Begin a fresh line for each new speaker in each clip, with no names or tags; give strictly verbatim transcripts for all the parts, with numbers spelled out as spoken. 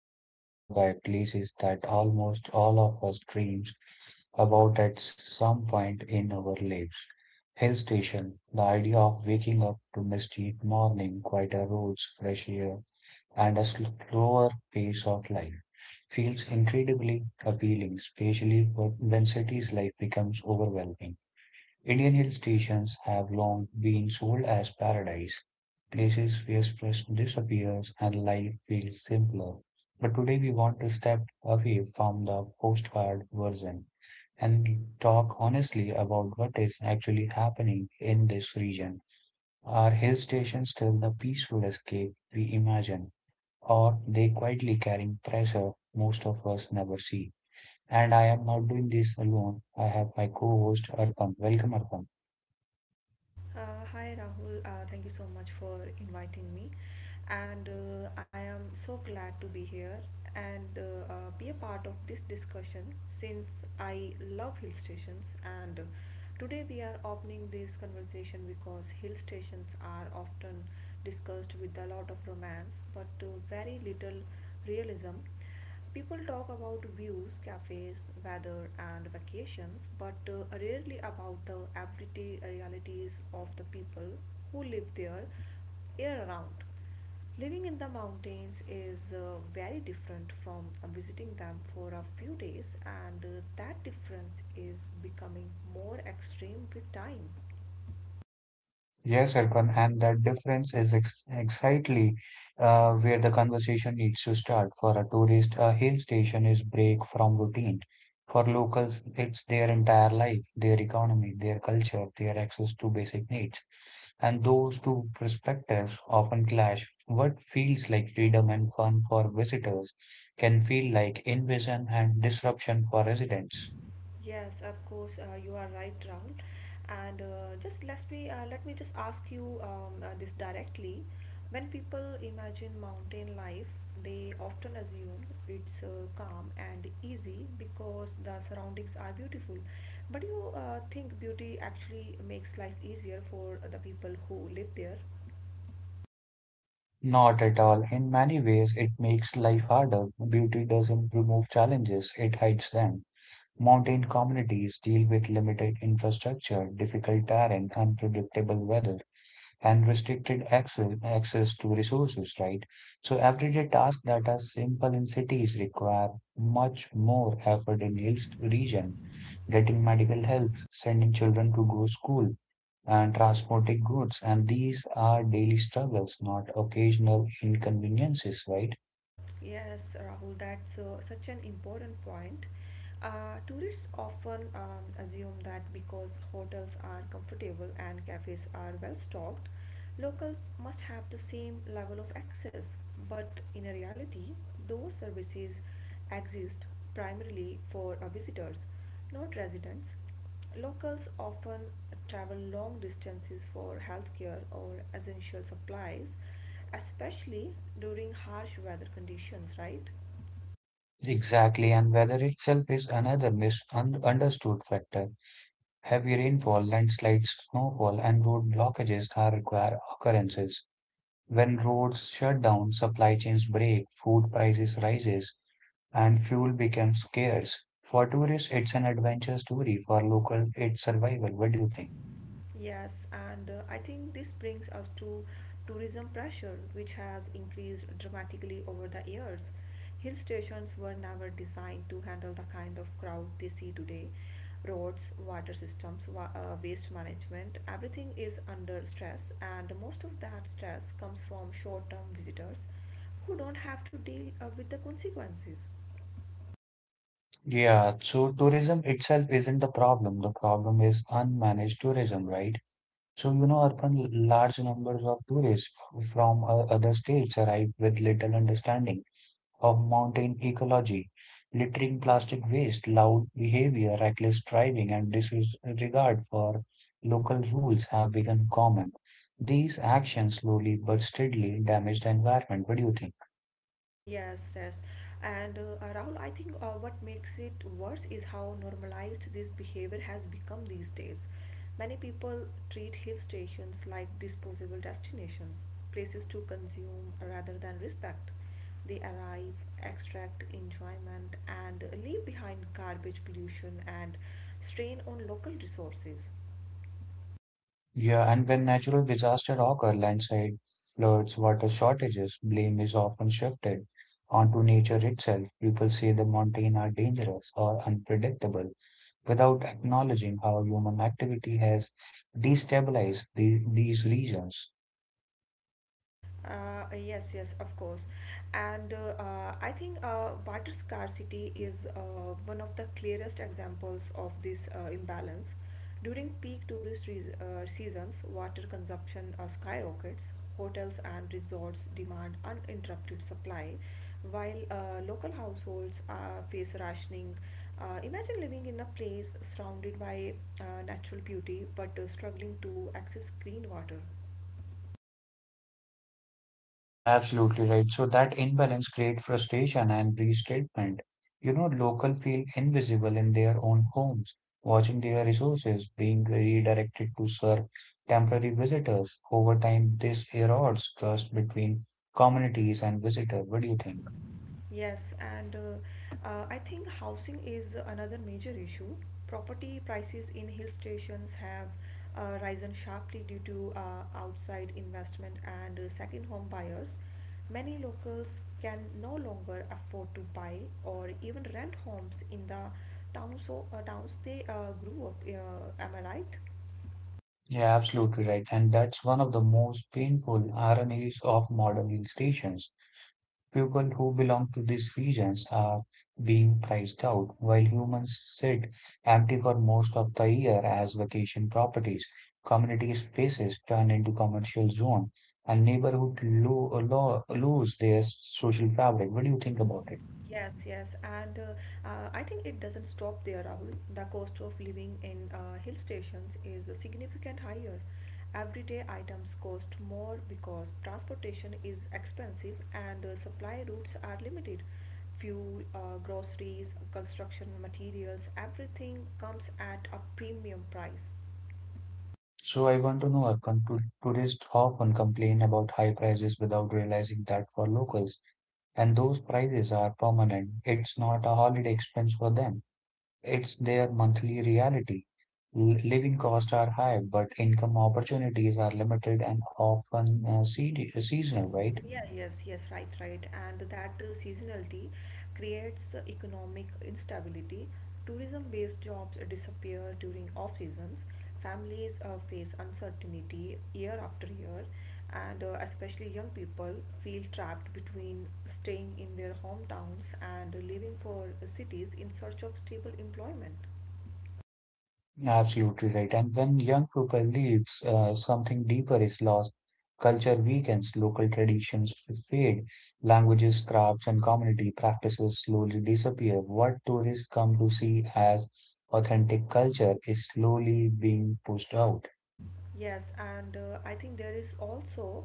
is inspired by places that almost all of us dreams about at some point in our lives. Hill station, the idea of waking up to misty morning, quieter roads, fresh air, and a slower pace of life feels incredibly appealing, especially for when cities life becomes overwhelming. Indian hill stations have long been sold as paradise places where stress disappears and life feels simpler. But today we want to step away from the postcard version and talk honestly about what is actually happening in this region. Are hill stations still the peaceful escape we imagine, or they quietly carrying pressure most of us never see? And I am not doing this alone. I have my co-host Arpan. Welcome, Arpan.
Uh, hi Rahul, uh, thank you so much for inviting me, and uh, I am so glad to be here and uh, uh, be a part of this discussion since I love hill stations. And uh, today we are opening this conversation because hill stations are often discussed with a lot of romance but uh, very little realism. People talk about views, cafes, weather, and vacations, but uh, rarely about the everyday realities of the people who live there year round. Living in the mountains is uh, very different from uh, visiting them for a few days, and uh, that difference is becoming more extreme with time.
Yes, Arpan, and that difference is ex exactly uh, where the conversation needs to start. For a tourist, a hill station is break from routine. For locals, it's their entire life, their economy, their culture, their access to basic needs. And those two perspectives often clash. What feels like freedom and fun for visitors can feel like invasion and disruption for residents.
Yes, of course, uh, you are right, Rahul. And uh, just let me uh, let me just ask you um, uh, this directly. When people imagine mountain life, they often assume it's uh, calm and easy because the surroundings are beautiful. But you uh, think beauty actually makes life easier for the people who live there.
Not at all. In many ways, it makes life harder. Beauty doesn't remove challenges, it hides them. Mountain communities deal with limited infrastructure, difficult terrain, unpredictable weather, and restricted access, access to resources, right? So, everyday tasks that are simple in cities require much more effort in hills region. Getting medical help, sending children to go school, and transporting goods. And these are daily struggles, not occasional inconveniences, right?
Yes, Rahul, that's uh, such an important point. Uh, tourists often um, assume that because hotels are comfortable and cafes are well stocked, locals must have the same level of access. But in reality, those services exist primarily for uh, visitors, not residents. Locals often travel long distances for healthcare or essential supplies, especially during harsh weather conditions, right?
Exactly. And weather itself is another misunderstood factor. Heavy rainfall, landslides, snowfall, and road blockages are rare occurrences. When roads shut down, supply chains break, food prices rises, and fuel becomes scarce. For tourists, it's an adventure story. For local, it's survival. What do you think?
Yes, and uh, I think this brings us to tourism pressure, which has increased dramatically over the years. Hill stations were never designed to handle the kind of crowd they see today. Roads, water systems, wa- uh, waste management, everything is under stress, and most of that stress comes from short term visitors who don't have to deal uh, with the consequences.
Yeah, so tourism itself isn't the problem. The problem is unmanaged tourism, right? So, you know, urban large numbers of tourists f- from uh, other states arrive with little understanding of mountain ecology, littering plastic waste, loud behavior, reckless driving, and disregard for local rules have become common. These actions slowly but steadily damage the environment. What do you think?
Yes, yes. And uh, uh, Rahul, I think uh, what makes it worse is how normalized this behavior has become these days. Many people treat hill stations like disposable destinations, places to consume rather than respect. They arrive, extract enjoyment, and leave behind garbage pollution and strain on local resources.
Yeah, and when natural disasters occur, landslide, floods, water shortages, blame is often shifted onto nature itself. People say the mountains are dangerous or unpredictable without acknowledging how human activity has destabilized the, these regions.
Uh, yes, yes, of course. And uh, uh, I think uh, water scarcity is uh, one of the clearest examples of this uh, imbalance. During peak tourist re- uh, seasons, water consumption uh, skyrockets. Hotels and resorts demand uninterrupted supply, while uh, local households uh, face rationing. Uh, imagine living in a place surrounded by uh, natural beauty but uh, struggling to access clean water.
Absolutely right. So that imbalance creates frustration and restatement. You know, local feel invisible in their own homes, watching their resources being redirected to serve temporary visitors. Over time, this erodes trust between communities and visitors. What do you think?
Yes, and uh, uh, I think housing is another major issue. Property prices in hill stations have uh, risen sharply due to uh, outside investment and uh, second home buyers. Many locals can no longer afford to buy or even rent homes in the towns, so, uh, towns they uh, grew up. Uh, am I right?
Yeah, absolutely right. And that's one of the most painful ironies of modern hill stations. People who belong to these regions are being priced out, while humans sit empty for most of the year as vacation properties. Community spaces turn into commercial zones, and neighborhood lo- lo- lose their social fabric. What do you think about it?
Yes, yes, and uh, uh, I think it doesn't stop there, Rahul. The cost of living in uh, hill stations is significant higher. Everyday items cost more because transportation is expensive and uh, supply routes are limited. Fuel, uh, groceries, construction materials, everything comes at a premium price.
So I want to know, Arkan, to- tourists often complain about high prices without realizing that for locals, and those prices are permanent. It's not a holiday expense for them. It's their monthly reality. L- Living costs are high, but income opportunities are limited and often uh, se- seasonal, right?
Yeah, yes, yes, right, right. And that uh, seasonality creates uh, economic instability. Tourism-based jobs disappear during off seasons. Families uh, face uncertainty year after year, and uh, especially young people feel trapped between staying in their hometowns and living for cities in search of stable employment.
Absolutely right. And when young people leaves, uh, something deeper is lost. Culture weakens, local traditions f- fade, languages, crafts, and community practices slowly disappear. What tourists come to see as authentic culture is slowly being pushed out.
Yes, and uh, I think there is also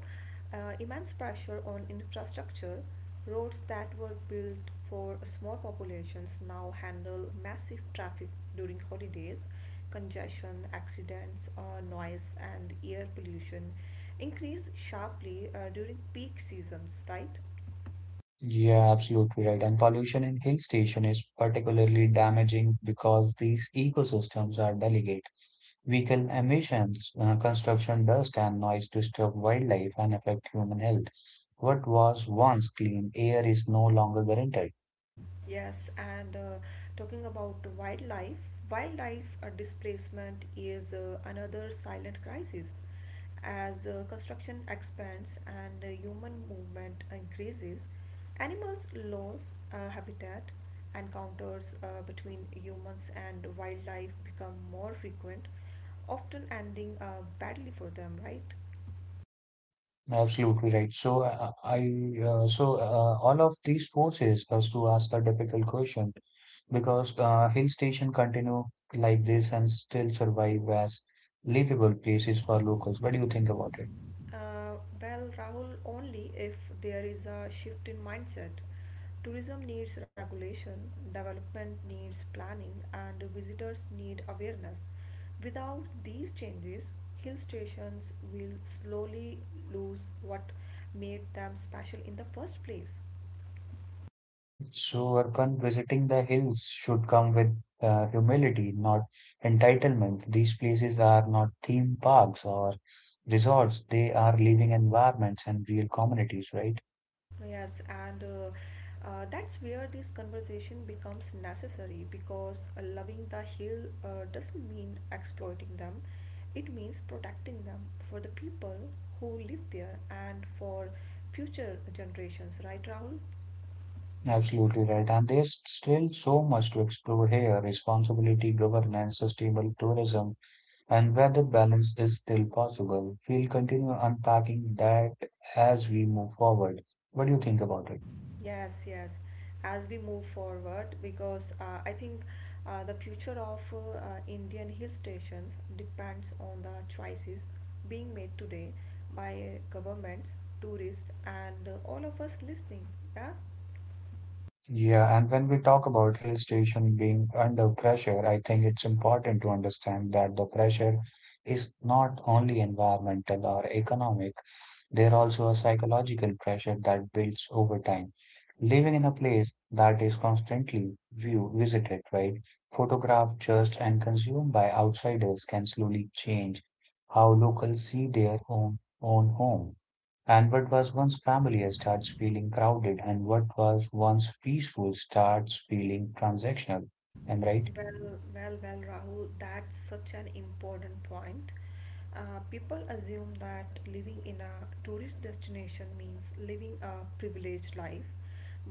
uh, immense pressure on infrastructure. Roads that were built for small populations now handle massive traffic during holidays, congestion, accidents, uh, noise, and air pollution increase sharply uh, during peak seasons, right?
Yeah, absolutely right. And pollution in hill station is particularly damaging because these ecosystems are delicate. Vehicle emissions, uh, construction dust, and noise disturb wildlife and affect human health. What was once clean air is no longer guaranteed.
Yes, and uh, talking about wildlife, wildlife uh, displacement is uh, another silent crisis. As uh, construction expands and uh, human movement increases, animals lose uh, habitat. Encounters uh, between humans and wildlife become more frequent, often ending uh, badly for them, right?
Absolutely right. So uh, I uh, so uh, All of these forces us to ask a difficult question because uh, hill station continue like this and still survive as livable places for locals. What do you think about it?
Uh, well, Rahul, only if there is a shift in mindset. Tourism needs regulation, development needs planning, and visitors need awareness. Without these changes, hill stations will slowly lose what made them special in the first place.
So Arpan, visiting the hills should come with uh, humility, not entitlement. These places are not theme parks or resorts. They are living environments and real communities, right?
Yes, and uh, uh, that's where this conversation becomes necessary because uh, loving the hill uh, doesn't mean exploiting them, it means protecting them for the people who live there and for future generations, right, Rahul?
Absolutely right. And there's still so much to explore here. Responsibility, governance, sustainable tourism, and whether balance is still possible. We'll continue unpacking that as we move forward. What do you think about
Yeah.
it?
Yes, yes. As we move forward, because uh, I think uh, the future of uh, uh, Indian hill stations depends on the choices being made today by governments, tourists, and uh, all of us listening. Yeah.
Yeah, and when we talk about hill station being under pressure, I think it's important to understand that the pressure is not only environmental or economic, there also a psychological pressure that builds over time. Living in a place that is constantly view visited, right? Photographed, judged, and consumed by outsiders can slowly change how locals see their own own home. And what was once familiar starts feeling crowded, and what was once peaceful starts feeling transactional. Am I right?
Well, well, well, Rahul, that's such an important point. Uh, people assume that living in a tourist destination means living a privileged life,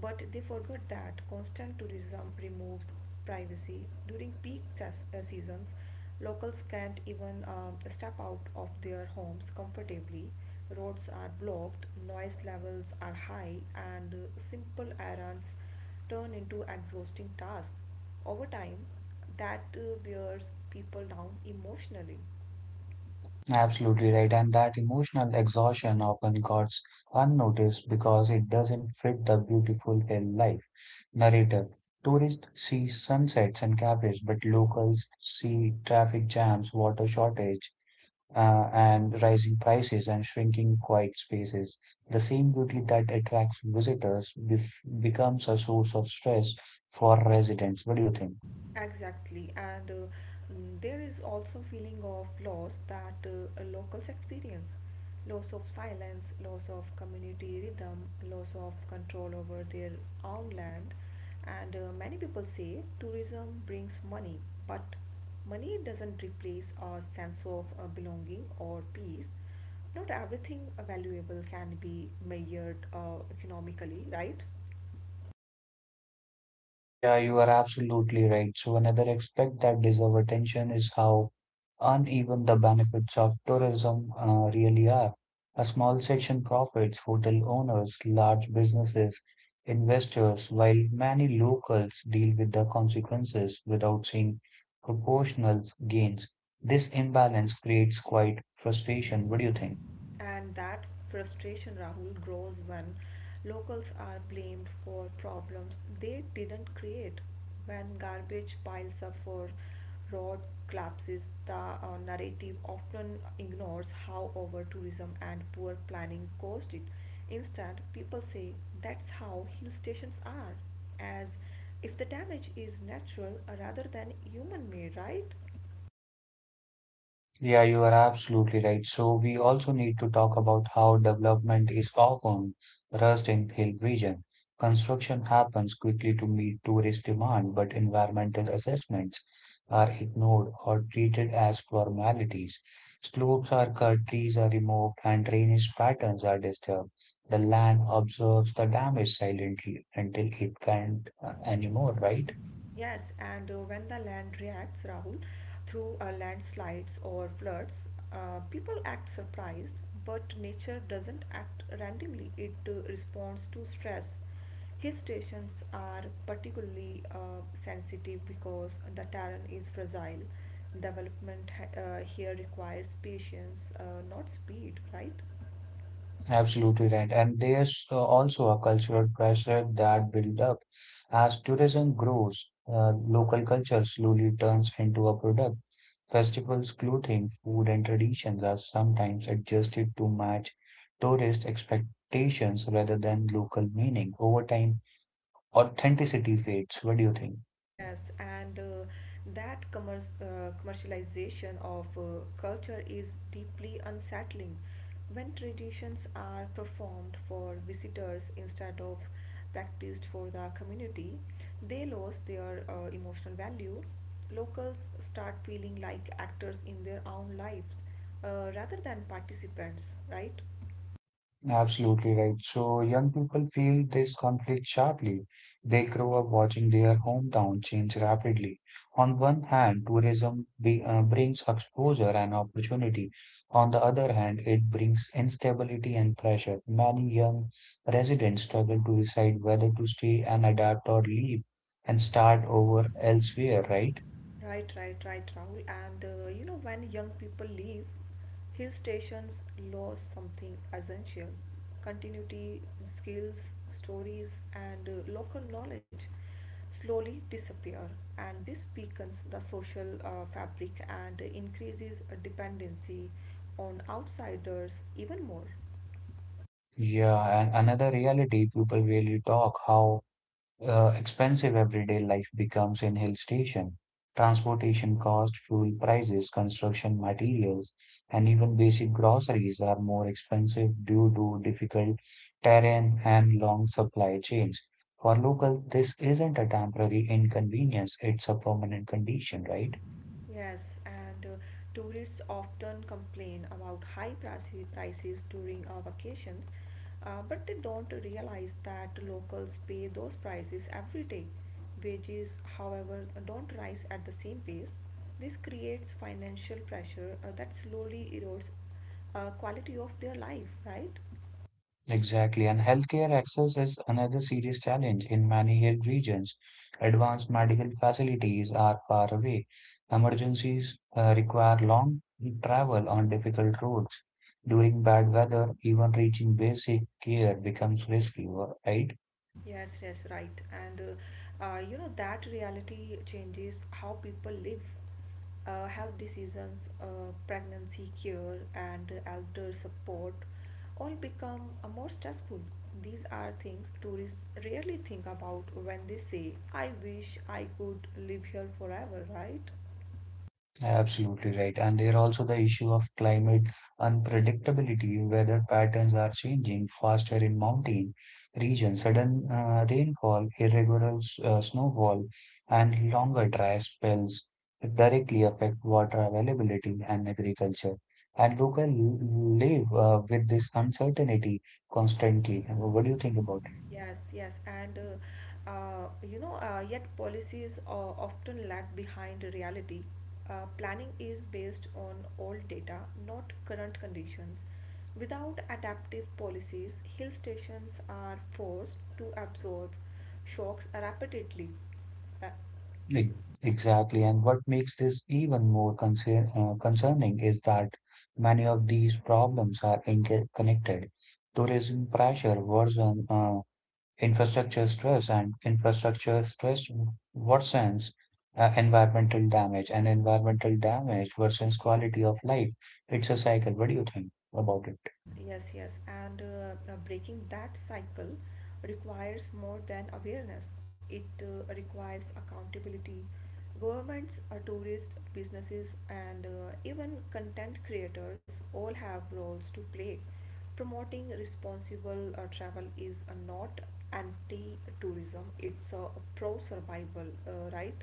but they forget that constant tourism removes privacy. During peak ses- uh, seasons, locals can't even um, step out of their homes comfortably. Roads are blocked, noise levels are high, and uh, simple errands turn into exhausting tasks. Over time, that uh, wears people down emotionally.
Absolutely right. And that emotional exhaustion often goes unnoticed because it doesn't fit the beautiful hill life narrative. Tourists see sunsets and cafes, but locals see traffic jams, water shortage, uh, and rising prices and shrinking quiet spaces. The same beauty that attracts visitors bef becomes a source of stress for residents. What do you think?
Exactly, and uh, mm, there is also feeling of loss that uh, a locals experience, loss of silence, loss of community rhythm, loss of control over their own land, and uh, many people say tourism brings money, but money doesn't replace a sense of uh, belonging or peace. Not everything uh, valuable can be measured uh, economically, right?
Yeah, you are absolutely right. So another aspect that deserves attention is how uneven the benefits of tourism uh, really are. A small section profits, hotel owners, large businesses, investors, while many locals deal with the consequences without seeing proportional gains. This imbalance creates quite frustration. What do you think?
And that frustration, Rahul, grows when locals are blamed for problems they didn't create. When garbage piles up for road collapses, the uh, narrative often ignores how over tourism and poor planning caused it. Instead, people say that's how hill stations are, as if the damage is natural rather than human made, right?
Yeah, you are absolutely right. So we also need to talk about how development is often rushed in hill region. Construction happens quickly to meet tourist demand, but environmental assessments are ignored or treated as formalities. Slopes are cut, trees are removed, and drainage patterns are disturbed. The land observes the damage silently until it can't uh, anymore, right?
Yes, and uh, when the land reacts, Rahul, through uh, landslides or floods, uh, people act surprised, but nature doesn't act randomly, it uh, responds to stress. Hill stations are particularly uh, sensitive because the terrain is fragile. Development ha- uh, here requires patience, uh, not speed, right?
Absolutely right. And there's uh, also a cultural pressure that build up. As tourism grows, uh, local culture slowly turns into a product. Festivals, clothing, food, and traditions are sometimes adjusted to match tourist expectations rather than local meaning. Over time, authenticity fades. What do you think?
Yes, and uh, that commer uh, commercialization of uh, culture is deeply unsettling. When traditions are performed for visitors instead of practiced for the community, they lose their uh, emotional value. Locals start feeling like actors in their own lives uh, rather than participants, right?
Absolutely right. So young people feel this conflict sharply. They grow up watching their hometown change rapidly. On one hand, tourism be, uh, brings exposure and opportunity. On the other hand, it brings instability and pressure. Many young residents struggle to decide whether to stay and adapt or leave and start over elsewhere, right?
Right, right, right, Rahul. And uh, you know, when young people leave, hill stations lose something essential continuity, skills, stories, and uh, local knowledge slowly disappear. And this weakens the social uh, fabric and increases dependency on outsiders even more.
Yeah, and another reality people really talk how uh, expensive everyday life becomes in hill station. Transportation cost, fuel prices, construction materials, and even basic groceries are more expensive due to difficult terrain and long supply chains. For local, this isn't a temporary inconvenience, it's a permanent condition, right?
Yes, and uh, tourists often complain about high prices prices during our vacations, uh, but they don't realize that locals pay those prices every day. Wages, however, don't rise at the same pace. This creates financial pressure uh, that slowly erodes uh, quality of their life, right?
Exactly, and healthcare access is another serious challenge in many hill regions. Advanced medical facilities are far away. Emergencies uh, require long travel on difficult roads. During bad weather, even reaching basic care becomes risky, right?
Yes, yes, right. And uh, uh, you know that reality changes how people live, uh, health decisions, uh, pregnancy care, and elder support all become uh, more stressful. These are things tourists rarely think about when they say, I wish I could live here forever, right?
Absolutely right. And there also the issue of climate unpredictability. Weather patterns are changing faster in mountain regions. Sudden uh, rainfall, irregular s- uh, snowfall, and longer dry spells directly affect water availability and agriculture. And local live uh, with this uncertainty constantly. What do you think about it?
Yes, yes, and uh, uh, you know, uh, yet policies uh, often lag behind reality. Uh, planning is based on old data, not current conditions. Without adaptive policies, hill stations are forced to absorb shocks rapidly. Uh,
Ex- Exactly. And what makes this even more concern, uh, concerning is that many of these problems are interconnected. Tourism pressure worsen uh, infrastructure stress, and infrastructure stress worsens uh, environmental damage, and environmental damage worsens quality of life. It's a cycle. What do you think about it?
Yes, yes, yes. And uh, uh, breaking that cycle requires more than awareness. It uh, requires accountability. Governments, uh, tourists, businesses, and uh, even content creators all have roles to play. Promoting responsible uh, travel is uh, not anti-tourism; it's uh, pro-survival, uh, right?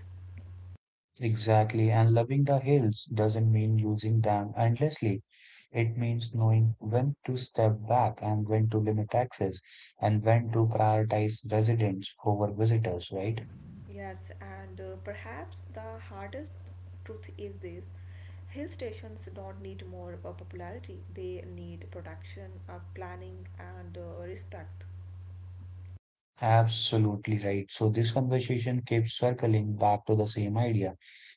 Exactly. And loving the hills doesn't mean using them endlessly. It means knowing when to step back and when to limit access and when to prioritize residents over visitors, right?
Yes, and uh, perhaps the hardest truth is this. Hill stations don't need more uh, popularity, they need protection, uh, planning, and uh, respect.
Absolutely right. So this conversation keeps circling back to the same idea.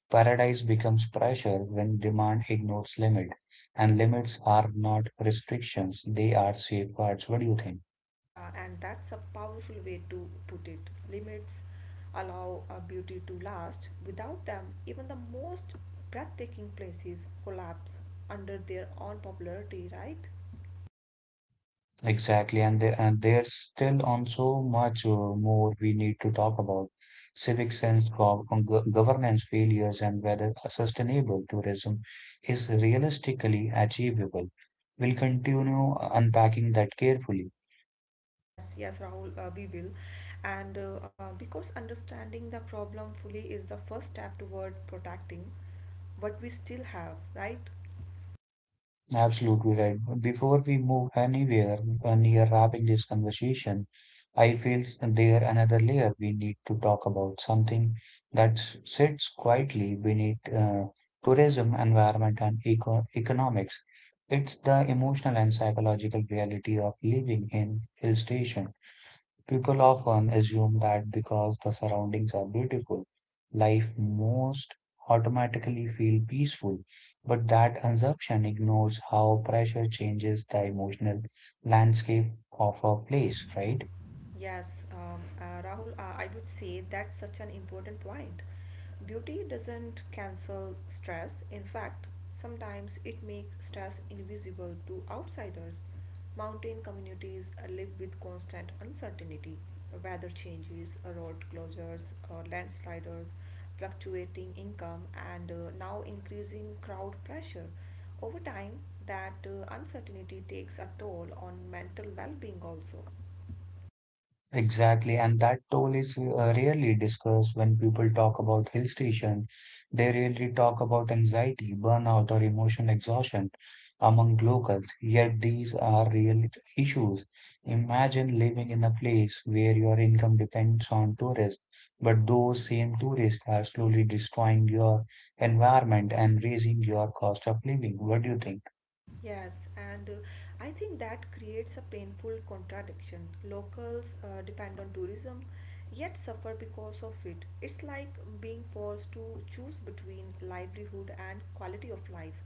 Paradise becomes pressure when demand ignores limit, and limits are not restrictions, they are safeguards. What do you think?
Yeah, and that's a powerful way to put it. Limits allow uh, beauty to last. Without them, even the most breathtaking places collapse under their own popularity, right?
Exactly, and the- and there's still on so much uh, more we need to talk about civic sense, gov gov- governance failures, and whether a sustainable tourism is realistically achievable. We'll continue unpacking that carefully.
Yes, yes, Rahul, uh, we will. And uh, uh, because understanding the problem fully is the first step toward protecting what we still have, right?
Absolutely right. Before we move anywhere uh, near wrapping this conversation, I feel there another layer we need to talk about, something that s- sits quietly beneath uh, tourism, environment, and eco economics. It's the emotional and psychological reality of living in hill station. People often assume that because the surroundings are beautiful, life most automatically feel peaceful, but that assumption ignores how pressure changes the emotional landscape of a place, right?
Yes, um, uh, Rahul, uh, I would say that's such an important point. Beauty doesn't cancel stress. In fact, sometimes it makes stress invisible to outsiders. Mountain communities uh, live with constant uncertainty, weather changes, uh, road closures, uh, landslides, fluctuating income, and uh, now increasing crowd pressure. Over time, that uh, uncertainty takes a toll on mental well being also.
Exactly, and that toll is uh, rarely discussed when people talk about hill station. They rarely talk about anxiety, burnout, or emotional exhaustion among locals, yet these are real issues. Imagine living in a place where your income depends on tourists, but those same tourists are slowly destroying your environment and raising your cost of living. What do you think?
Yes, and uh, I think that creates a painful contradiction. Locals uh, depend on tourism, yet suffer because of it. It's like being forced to choose between livelihood and quality of life,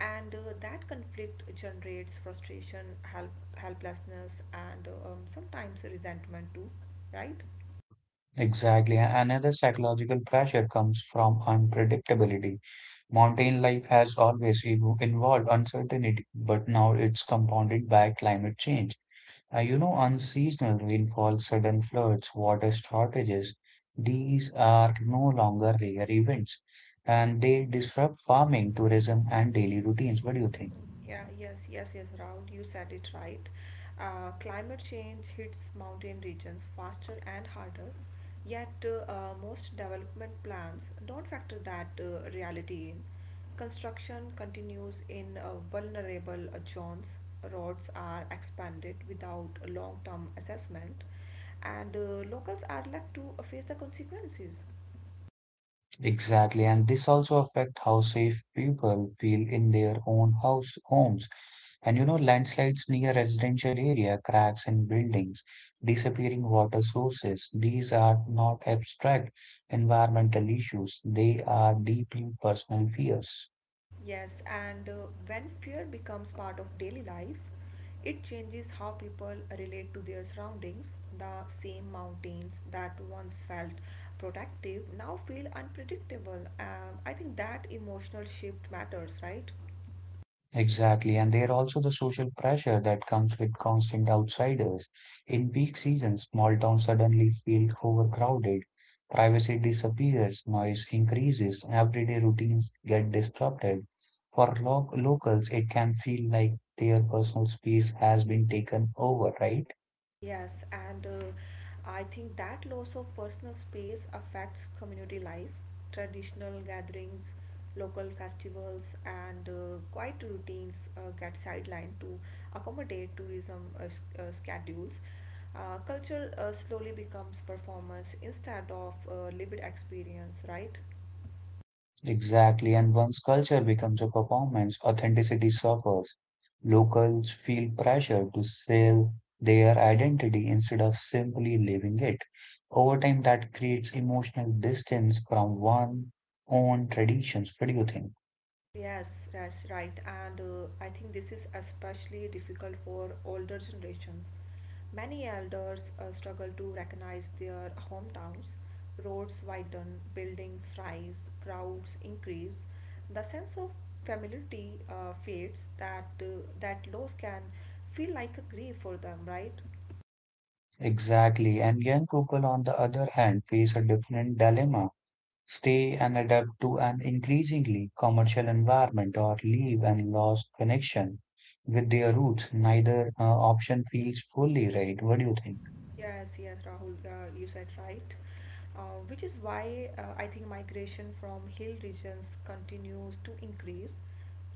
and uh, that conflict generates frustration, help, helplessness, and uh, um, sometimes resentment too, right?
Exactly. Another psychological pressure comes from unpredictability. Mountain life has always evo- involved uncertainty, but now it's compounded by climate change. Uh, you know, unseasonal rainfall, sudden floods, water shortages, these are no longer rare events and they disrupt farming, tourism, and daily routines. What do you think?
Yeah, yes, yes, yes, Raul, you said it right. Uh, climate change hits mountain regions faster and harder, yet uh, uh, most development plans don't factor that uh, reality in. Construction continues in uh, vulnerable uh, zones, roads are expanded without a long-term assessment, and uh, locals are left to uh, face the consequences.
Exactly, and this also affect how safe people feel in their own house homes. And you know, landslides near residential area, cracks in buildings, disappearing water sources, these are not abstract environmental issues. They are deeply personal fears.
Yes, and uh, when fear becomes part of daily life, it changes how people relate to their surroundings. The same mountains that once felt protective now feel unpredictable. Um, I think that emotional shift matters, right?
Exactly, and there are also the social pressure that comes with constant outsiders. In peak seasons, small towns suddenly feel overcrowded, privacy disappears, noise increases, everyday routines get disrupted. For lo locals, it can feel like their personal space has been taken over, right?
Yes, and uh, I think that loss of personal space affects community life, traditional gatherings, local festivals, and uh, quiet routines uh, get sidelined to accommodate tourism uh, s- uh, schedules. Uh, culture uh, slowly becomes performance instead of uh, lived experience, right?
Exactly. And once culture becomes a performance, authenticity suffers. Locals feel pressure to sell their identity instead of simply living it. Over time, that creates emotional distance from one's own traditions. What do you think?
Yes, that's right. And uh, I think this is especially difficult for older generations. Many elders uh, struggle to recognize their hometowns. Roads widen, buildings rise, crowds increase. The sense of familiarity uh, fades. That uh, that loss can feel like a grief for them, right?
Exactly. And young people, on the other hand, face a different dilemma. Stay and adapt to an increasingly commercial environment or leave and lost connection with their roots, neither uh, option feels fully right. What do you think?
Yes, yes, Rahul, uh, you said right. Uh, which is why uh, I think migration from hill regions continues to increase.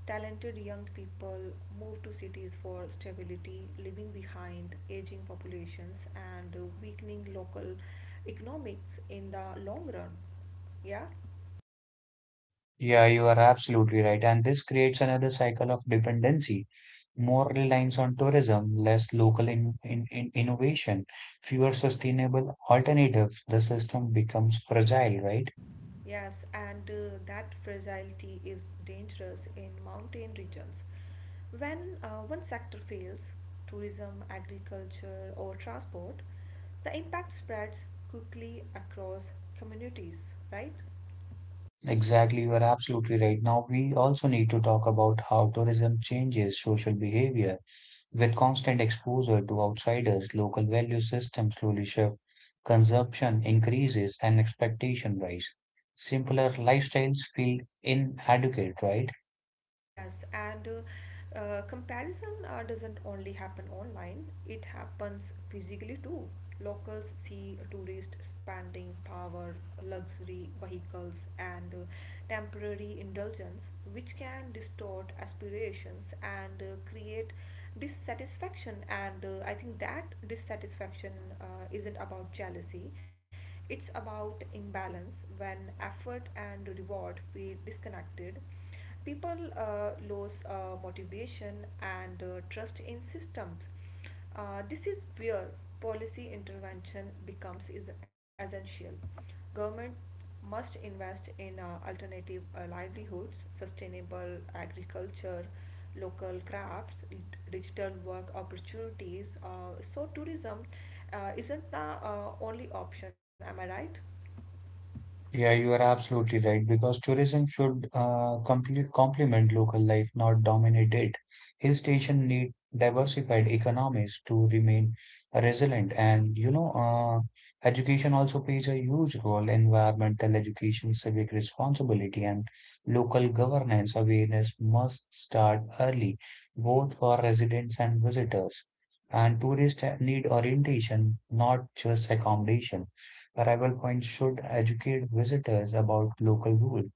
Talented young people move to cities for stability, leaving behind aging populations and uh, weakening local economics in the long run. Yeah.
Yeah, you are absolutely right. And this creates another cycle of dependency, more reliance on tourism, less local in, in, in innovation, fewer sustainable alternatives. The system becomes fragile, right?
Yes, and uh, that fragility is dangerous in mountain regions. When uh, one sector fails, tourism, agriculture, or transport, the impact spreads quickly across communities, right?
Exactly, you are absolutely right. Now, we also need to talk about how tourism changes social behavior. With constant exposure to outsiders, local value systems slowly shift, consumption increases, and expectation rise. Simpler lifestyles feel inadequate, right?
Yes, and uh, uh, comparison uh, doesn't only happen online, it happens physically too. Locals see tourists spending power, luxury vehicles, and uh, temporary indulgence, which can distort aspirations and uh, create dissatisfaction. And uh, I think that dissatisfaction uh, isn't about jealousy, it's about imbalance when effort and reward feel disconnected. People uh, lose uh, motivation and uh, trust in systems. Uh, this is where policy intervention becomes is essential. Government must invest in uh, alternative uh, livelihoods, sustainable agriculture, local crafts, digital work opportunities. Uh, so tourism uh, isn't the uh, only option. Am I right?
Yeah, you are absolutely right because tourism should uh, complete, complement local life, not dominate it. Hill stations need diversified economies to remain resilient, and you know, uh, education also plays a huge role. Environmental education, civic responsibility, and local governance awareness must start early, both for residents and visitors. And tourists need orientation, not just accommodation. Arrival points should educate visitors about local rules,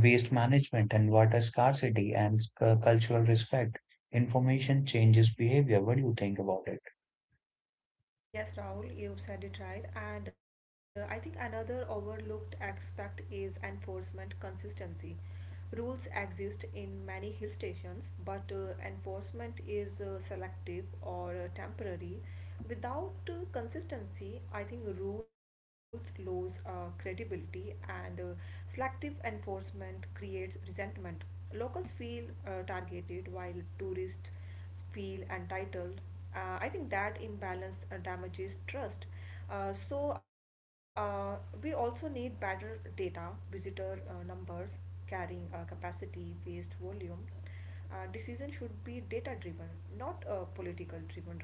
waste management and water scarcity and cu- cultural respect. Information changes behavior. What do you think about it?
Uh, yes, Rahul, you said it right. And uh, I think another overlooked aspect is enforcement consistency. Rules exist in many hill stations, but uh, enforcement is uh, selective or uh, temporary. Without uh, consistency, I think rules lose uh, credibility, and uh, selective enforcement creates resentment. Locals feel uh, targeted while tourists feel entitled. Uh, I think that imbalance uh, damages trust. Uh, so uh, we also need better data, visitor uh, numbers, carrying uh, capacity, waste volume. Uh, decision should be data driven, not uh, political driven, right?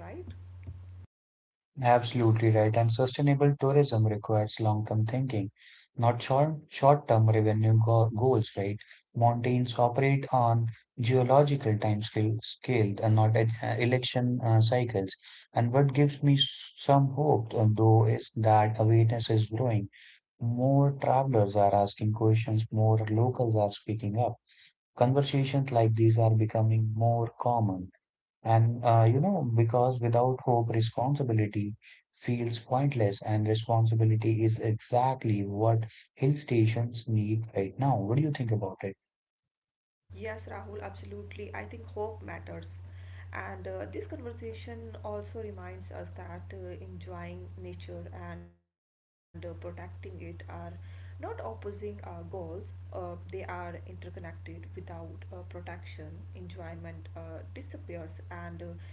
Absolutely right. And sustainable tourism requires long-term thinking, not short, short-term revenue go- goals, right? Mountains operate on geological time scale, scale and not e- uh, election uh, cycles. And what gives me s- some hope, uh, though, is that awareness is growing. More travelers are asking questions, more locals are speaking up. Conversations like these are becoming more common. And, uh, you know, because without hope, responsibility feels pointless, and responsibility is exactly what hill stations need right now. What do you think about it?
Yes, Rahul, absolutely. I think hope matters. And uh, this conversation also reminds us that uh, enjoying nature and uh, protecting it are not opposing uh, goals, uh, they are interconnected. Without uh, protection, enjoyment uh, disappears, and uh,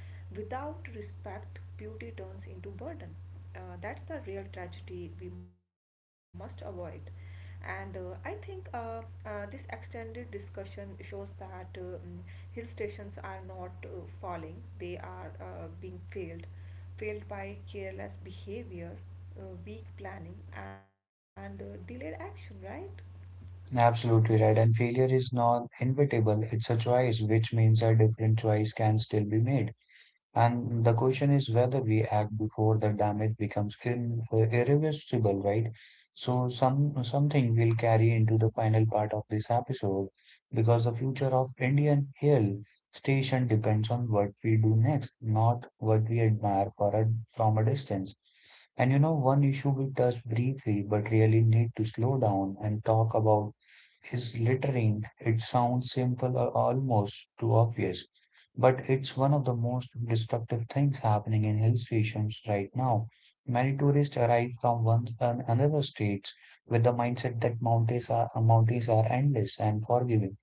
without respect, beauty turns into burden. Uh, that's the real tragedy we must avoid, and uh, i think uh, uh, this extended discussion shows that uh, mm, hill stations are not uh, falling, they are uh, being failed failed by careless behavior, uh, weak planning, and uh, delayed action, right?
Absolutely right. And failure is not inevitable, it's a choice, which means a different choice can still be made. And the question is whether we act before the damage becomes in, uh, irreversible, right? So some something will carry into the final part of this episode because the future of Indian Hill Station depends on what we do next, not what we admire for a, from a distance. And you know, one issue we touched briefly but really need to slow down and talk about is littering. It sounds simple or almost too obvious, but it's one of the most destructive things happening in hill stations right now. Many tourists arrive from one an- another states with the mindset that mountains are mountains are endless and forgiving.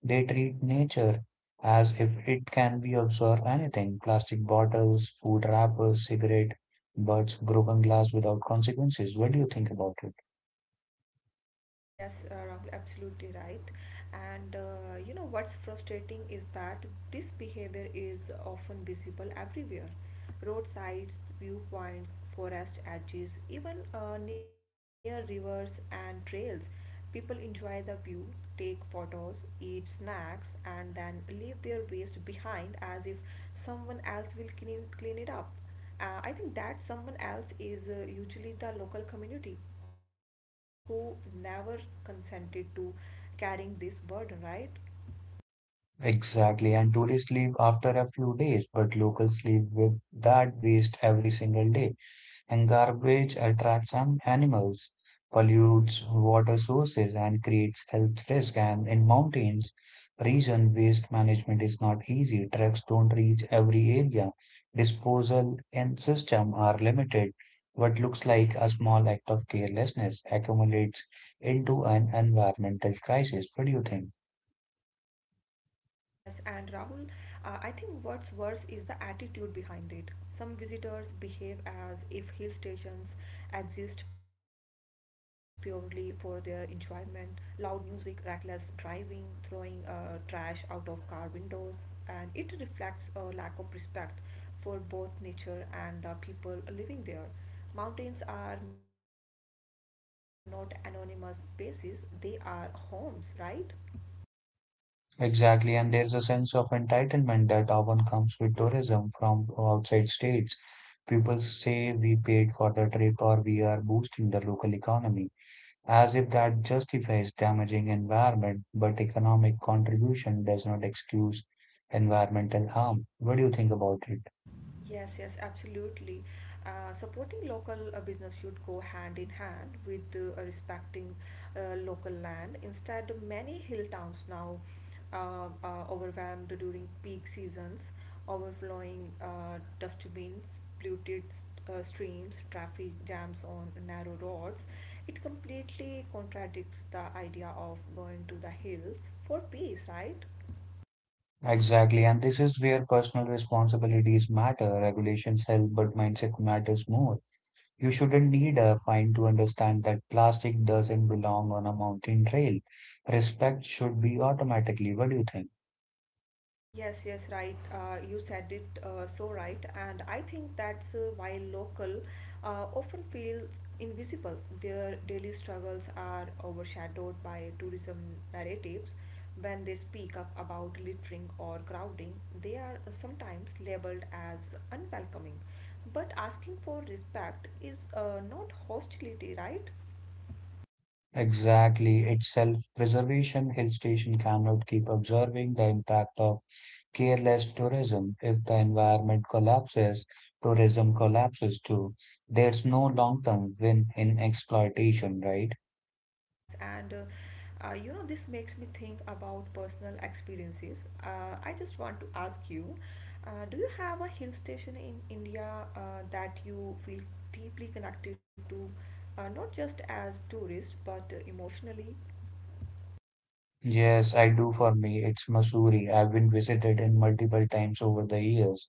They treat nature as if it can be observed anything: plastic bottles, food wrappers, cigarette butts, broken glass without consequences. What do you think about it?
Yes, uh, Rahul, absolutely right. And uh, you know what's frustrating is that this behavior is often visible everywhere. Roadsides, viewpoints, forest edges, even uh, near rivers and trails. People enjoy the view, take photos, eat snacks, and then leave their waste behind as if someone else will clean, clean it up. Uh, I think that someone else is uh, usually the local community who never consented to carrying this burden, right?
Exactly, and tourists leave after a few days, but locals leave with that waste every single day. And garbage attracts an- animals, pollutes water sources, and creates health risk. And in mountains region, waste management is not easy. Trucks don't reach every area. Disposal and system are limited. What looks like a small act of carelessness accumulates into an environmental crisis. What do you think?
Yes, and Rahul, uh, I think what's worse is the attitude behind it. Some visitors behave as if hill stations exist purely for their enjoyment. Loud music, reckless driving, throwing uh, trash out of car windows, and it reflects a lack of respect for both nature and the people living there. Mountains are not anonymous spaces, they are homes, right?
Exactly, and there's a sense of entitlement that often comes with tourism from outside states. People say we paid for the trip or we are boosting the local economy, as if that justifies damaging environment, but economic contribution does not excuse environmental harm. What do you think about it?
Yes, yes, absolutely. Uh, supporting local uh, business should go hand in hand with uh, respecting uh, local land. Instead, many hill towns now uh, are overwhelmed during peak seasons, overflowing uh, dustbins, polluted uh, streams, traffic jams on narrow roads. It completely contradicts the idea of going to the hills for peace, right?
Exactly, and this is where personal responsibilities matter. Regulations help, but mindset matters more. You shouldn't need a fine to understand that plastic doesn't belong on a mountain trail. Respect should be automatically. What do you think?
Yes, yes, right. Uh, you said it uh, so right, and I think that's uh, why local uh, often feels invisible. Their daily struggles are overshadowed by tourism narratives. When they speak up about littering or crowding, they are sometimes labeled as unwelcoming. But asking for respect is uh, not hostility, right?
Exactly. It's self-preservation. Hill station cannot keep observing the impact of careless tourism. If the environment collapses, tourism collapses too. There's no long-term win in exploitation, right?
Yes, and uh, uh, you know, this makes me think about personal experiences. Uh, I just want to ask you, uh, do you have a hill station in India uh, that you feel deeply connected to, uh, not just as tourist, but uh, emotionally?
Yes, I do for me. It's Missouri. I've been visited in multiple times over the years.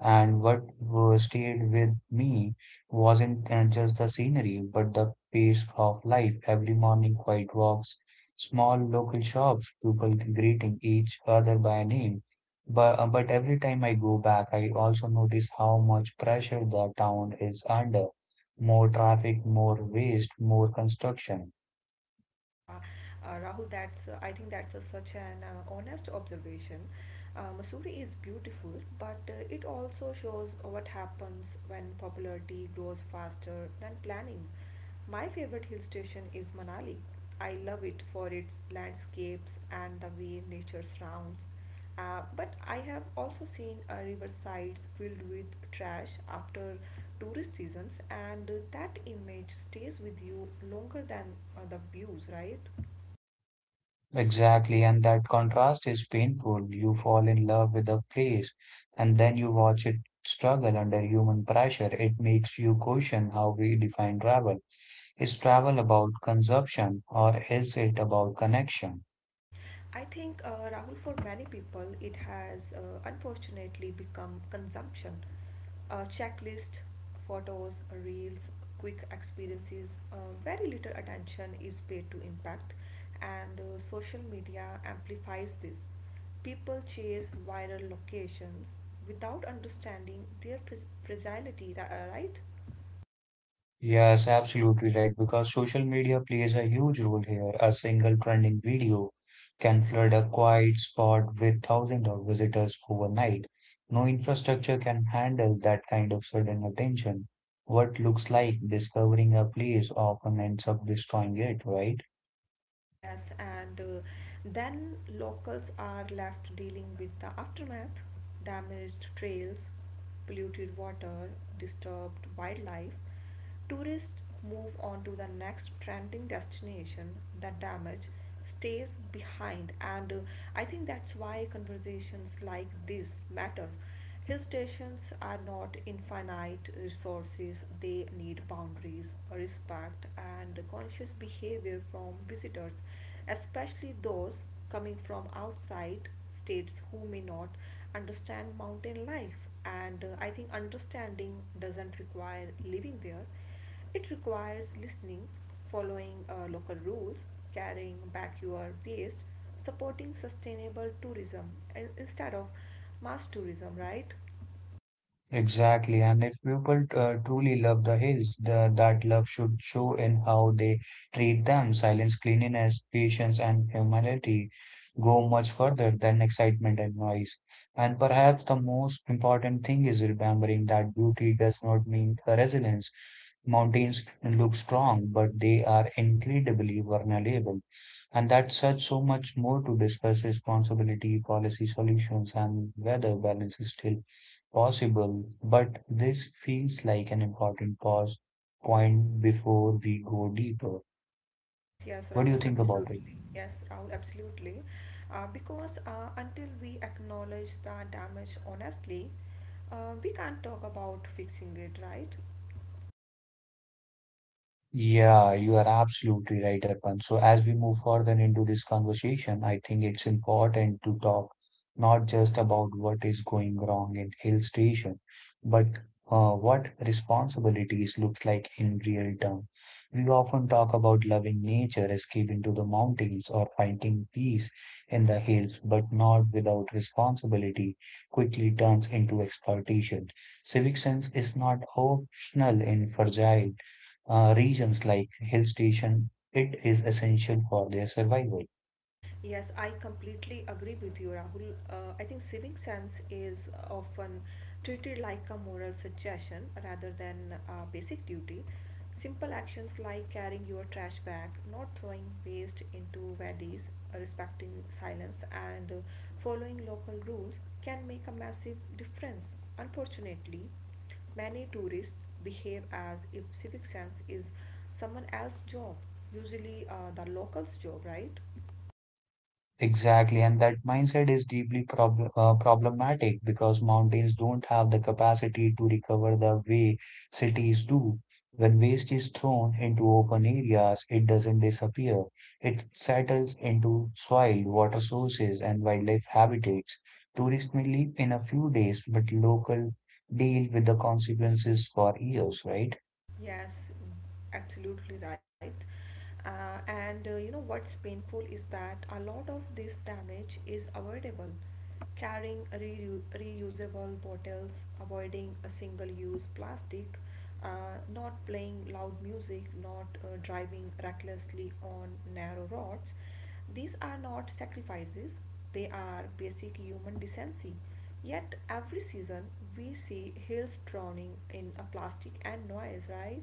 And what wa- stayed with me wasn't uh, just the scenery, but the pace of life. Every morning, quiet walks, small local shops, people greeting each other by name. But, uh, but every time I go back, I also notice how much pressure the town is under. More traffic, more waste, more construction.
Yeah, uh, Rahul, that's uh, I think that's a, such an uh, honest observation. Uh, Missouri is beautiful, but uh, it also shows what happens when popularity grows faster than planning. My favorite hill station is Manali. I love it for its landscapes and the way nature surrounds. Uh, but I have also seen uh, riversides filled with trash after tourist seasons, and that image stays with you longer than uh, the views, right?
Exactly, and that contrast is painful. You fall in love with a place and then you watch it struggle under human pressure. It makes you question how we define travel. Is travel about consumption or is it about connection?
I think, uh, Rahul, for many people, it has uh, unfortunately become consumption. A checklist, photos, reels, quick experiences, uh, very little attention is paid to impact, and uh, social media amplifies this. People chase viral locations without understanding their pres- fragility, ri- uh, right?
Yes, absolutely right. Because social media plays a huge role here. A single trending video can flood a quiet spot with thousands of visitors overnight. No infrastructure can handle that kind of sudden attention. What looks like discovering a place often ends up destroying it, right?
Yes, and uh, then locals are left dealing with the aftermath, damaged trails, polluted water, disturbed wildlife. Tourists move on to the next trending destination. The damage stays behind, and uh, I think that's why conversations like this matter. Hill stations are not infinite resources, they need boundaries, respect, and conscious behavior from visitors, especially those coming from outside states who may not understand mountain life. And uh, I think understanding doesn't require living there, it requires listening, following uh, local rules, carrying back your waste, supporting sustainable tourism in- instead of mass tourism, right?
Exactly, and if people uh, truly love the hills, the, that love should show in how they treat them. Silence, cleanliness, patience, and humility go much further than excitement and noise. And perhaps the most important thing is remembering that beauty does not mean uh, resilience. Mountains look strong, but they are incredibly vulnerable. And that such so much more to discuss responsibility, policy solutions, and whether balance is still possible. But this feels like an important pause point before we go deeper.
Yes, yes,
What do you
Rahul,
think about it?
absolutely. Yes, Rahul, absolutely. Uh, because uh, until we acknowledge the damage honestly, uh, we can't talk about fixing it, right?
Yeah, you are absolutely right, Arpan. So as we move further into this conversation, I think it's important to talk not just about what is going wrong in Hill Station, but uh, what responsibilities looks like in real terms. We often talk about loving nature, escaping to the mountains, or finding peace in the hills, but not without responsibility quickly turns into exploitation. Civic sense is not optional in fragile uh, regions like hill station, it is essential for their survival.
Yes, I completely agree with you, Rahul. Uh, I think civic sense is often treated like a moral suggestion rather than a basic duty. Simple actions like carrying your trash bag, not throwing waste into valleys, uh, respecting silence, and uh, following local rules can make a massive difference. Unfortunately, many tourists behave as if civic sense is someone else's job, usually uh, the locals' job, right?
Exactly, and that mindset is deeply prob uh, problematic because mountains don't have the capacity to recover the way cities do. When waste is thrown into open areas, it doesn't disappear. It settles into soil, water sources, and wildlife habitats. Tourists may leave in a few days, but local deal with the consequences for years, right?
Yes, absolutely right. Uh, and uh, you know what's painful is that a lot of this damage is avoidable. Carrying reu- reusable bottles, avoiding a single-use plastic, uh, not playing loud music, not uh, driving recklessly on narrow roads. These are not sacrifices, they are basic human decency. Yet every season we see hills drowning in a plastic and noise, right?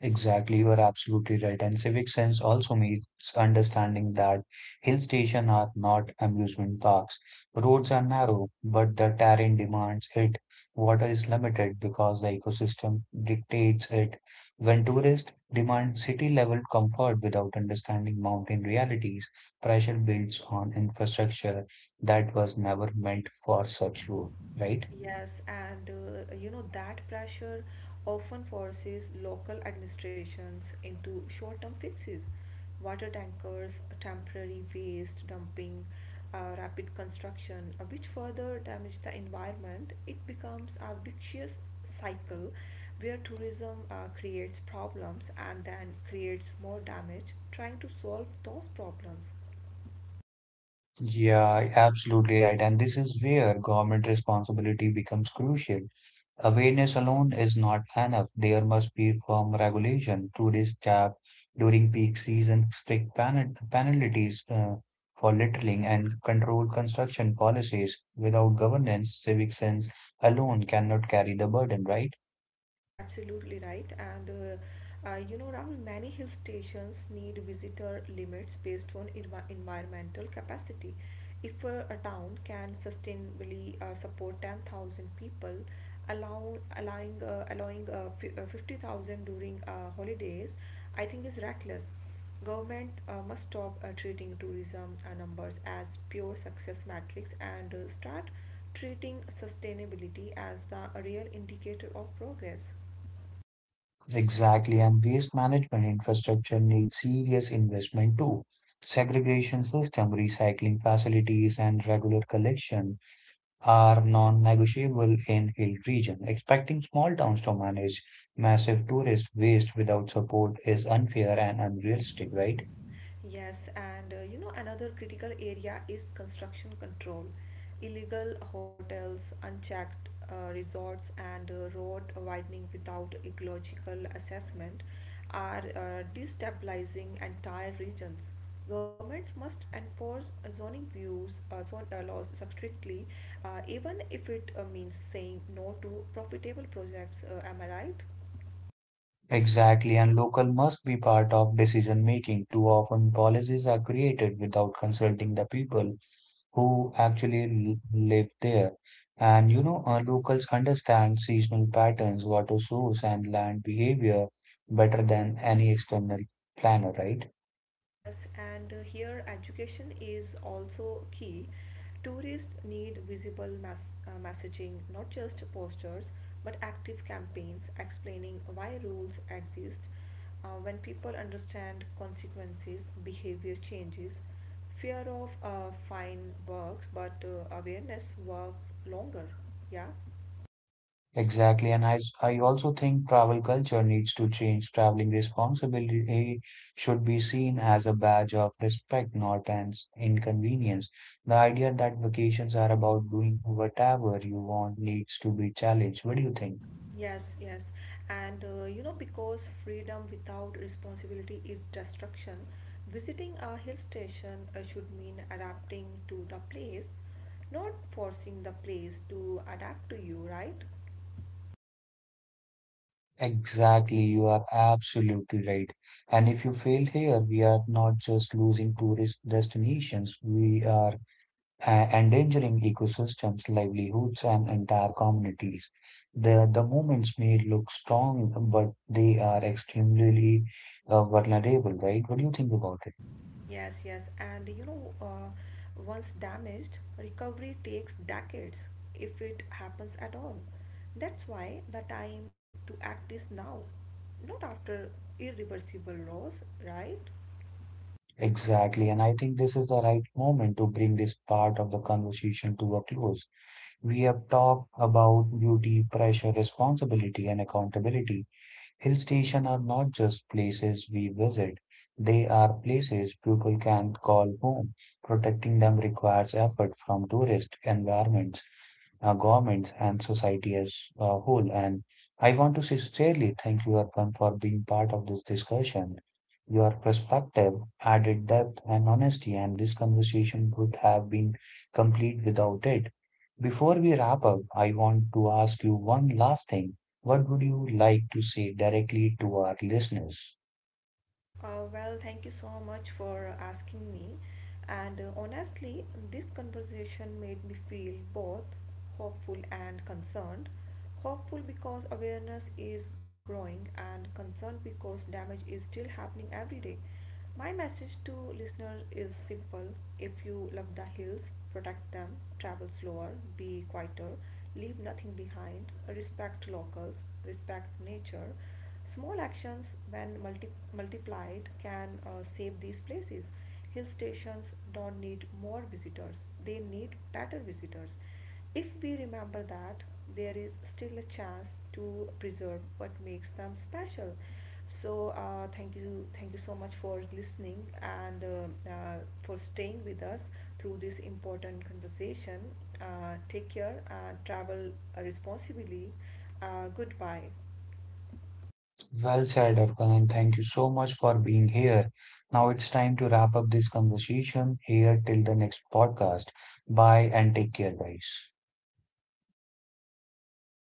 Exactly, you are absolutely right. And civic sense also means understanding that hill stations are not amusement parks. Roads are narrow, but the terrain demands it. Water is limited because the ecosystem dictates it. When tourists demand city level comfort without understanding mountain realities, pressure builds on infrastructure that was never meant for such road, right?
Yes, and uh, you know that pressure often forces local administrations into short-term fixes. Water tankers, temporary waste dumping, uh, rapid construction, uh, which further damage the environment. It becomes a vicious cycle where tourism uh, creates problems and then creates more damage, trying to solve those problems.
Yeah, absolutely right. And this is where government responsibility becomes crucial. Awareness alone is not enough. There must be firm regulation, tourist cap during peak season, strict pen penalties uh, for littering, and controlled construction policies. Without governance, civic sense alone cannot carry the burden, right?
Right, absolutely right. And uh, uh, you know, Rahul, many hill stations need visitor limits based on envi- environmental capacity. If uh, a town can sustainably uh, support ten thousand people, allow, allowing uh, allowing uh, fi- uh, fifty thousand during uh, holidays, I think is reckless. Government uh, must stop uh, treating tourism uh, numbers as pure success metrics and uh, start treating sustainability as the real indicator of progress.
Exactly, and waste management infrastructure needs serious investment too. Segregation system, recycling facilities, and regular collection are non-negotiable in hill region. Expecting small towns to manage massive tourist waste without support is unfair and unrealistic, right?
Yes, and uh, you know, another critical area is construction control. Illegal hotels, unchecked uh, resorts, and uh, road widening without ecological assessment are uh, destabilizing entire regions. Governments must enforce uh, zoning views, uh, zone, uh, laws strictly, uh, even if it uh, means saying no to profitable projects. Uh, am I right?
Exactly, and local must be part of decision making. Too often, policies are created without consulting the people who actually l- live there. And you know, uh, locals understand seasonal patterns, water source, and land behavior better than any external planner, right?
Yes, and uh, here education is also key. Tourists need visible mass, uh, messaging, not just posters, but active campaigns explaining why rules exist. Uh, when people understand consequences, behavior changes. Fear of uh, fine works, but uh, awareness works longer. Yeah.
Exactly, and I I also think travel culture needs to change. Traveling responsibility eh, should be seen as a badge of respect, not an inconvenience. The idea that vacations are about doing whatever you want needs to be challenged. What do you think?
Yes, yes. And uh, you know, because freedom without responsibility is destruction, visiting a hill station uh, should mean adapting to the place, not forcing the place to adapt to you, right?
Exactly, you are absolutely right. And if you fail here, we are not just losing tourist destinations, we are uh, endangering ecosystems, livelihoods, and entire communities. The, the movements may look strong, but they are extremely uh, vulnerable, right? What do you think about it?
Yes, yes. And you know, uh, once damaged, recovery takes decades if it happens at all. That's why the time to act is now, not after irreversible loss, right?
Exactly. And I think this is the right moment to bring this part of the conversation to a close. We have talked about duty, pressure, responsibility, and accountability. Hill stations are not just places we visit, they are places people can call home. Protecting them requires effort from tourist environments uh, governments and society as a whole. And I want to sincerely thank you, Arpan, for being part of this discussion. Your perspective added depth and honesty, and this conversation would have been complete without it. Before we wrap up, I want to ask you one last thing. What would you like to say directly to our listeners?
Uh, well, thank you so much for asking me. And uh, honestly, this conversation made me feel both hopeful and concerned. Hopeful because awareness is growing, and concerned because damage is still happening every day. My message to listeners is simple. If you love the hills, protect them, travel slower, be quieter, leave nothing behind, respect locals, respect nature. Small actions, when multi- multiplied, can uh, save these places. Hill stations don't need more visitors, they need better visitors. If we remember that, there is still a chance to preserve what makes them special. So uh, thank you thank you so much for listening, and uh, uh, for staying with us through this important conversation. Uh, take care, uh, travel responsibly, uh, goodbye.
Well said, Arkan. Thank you so much for being here. Now it's time to wrap up this conversation here till the next podcast. Bye and take care, guys.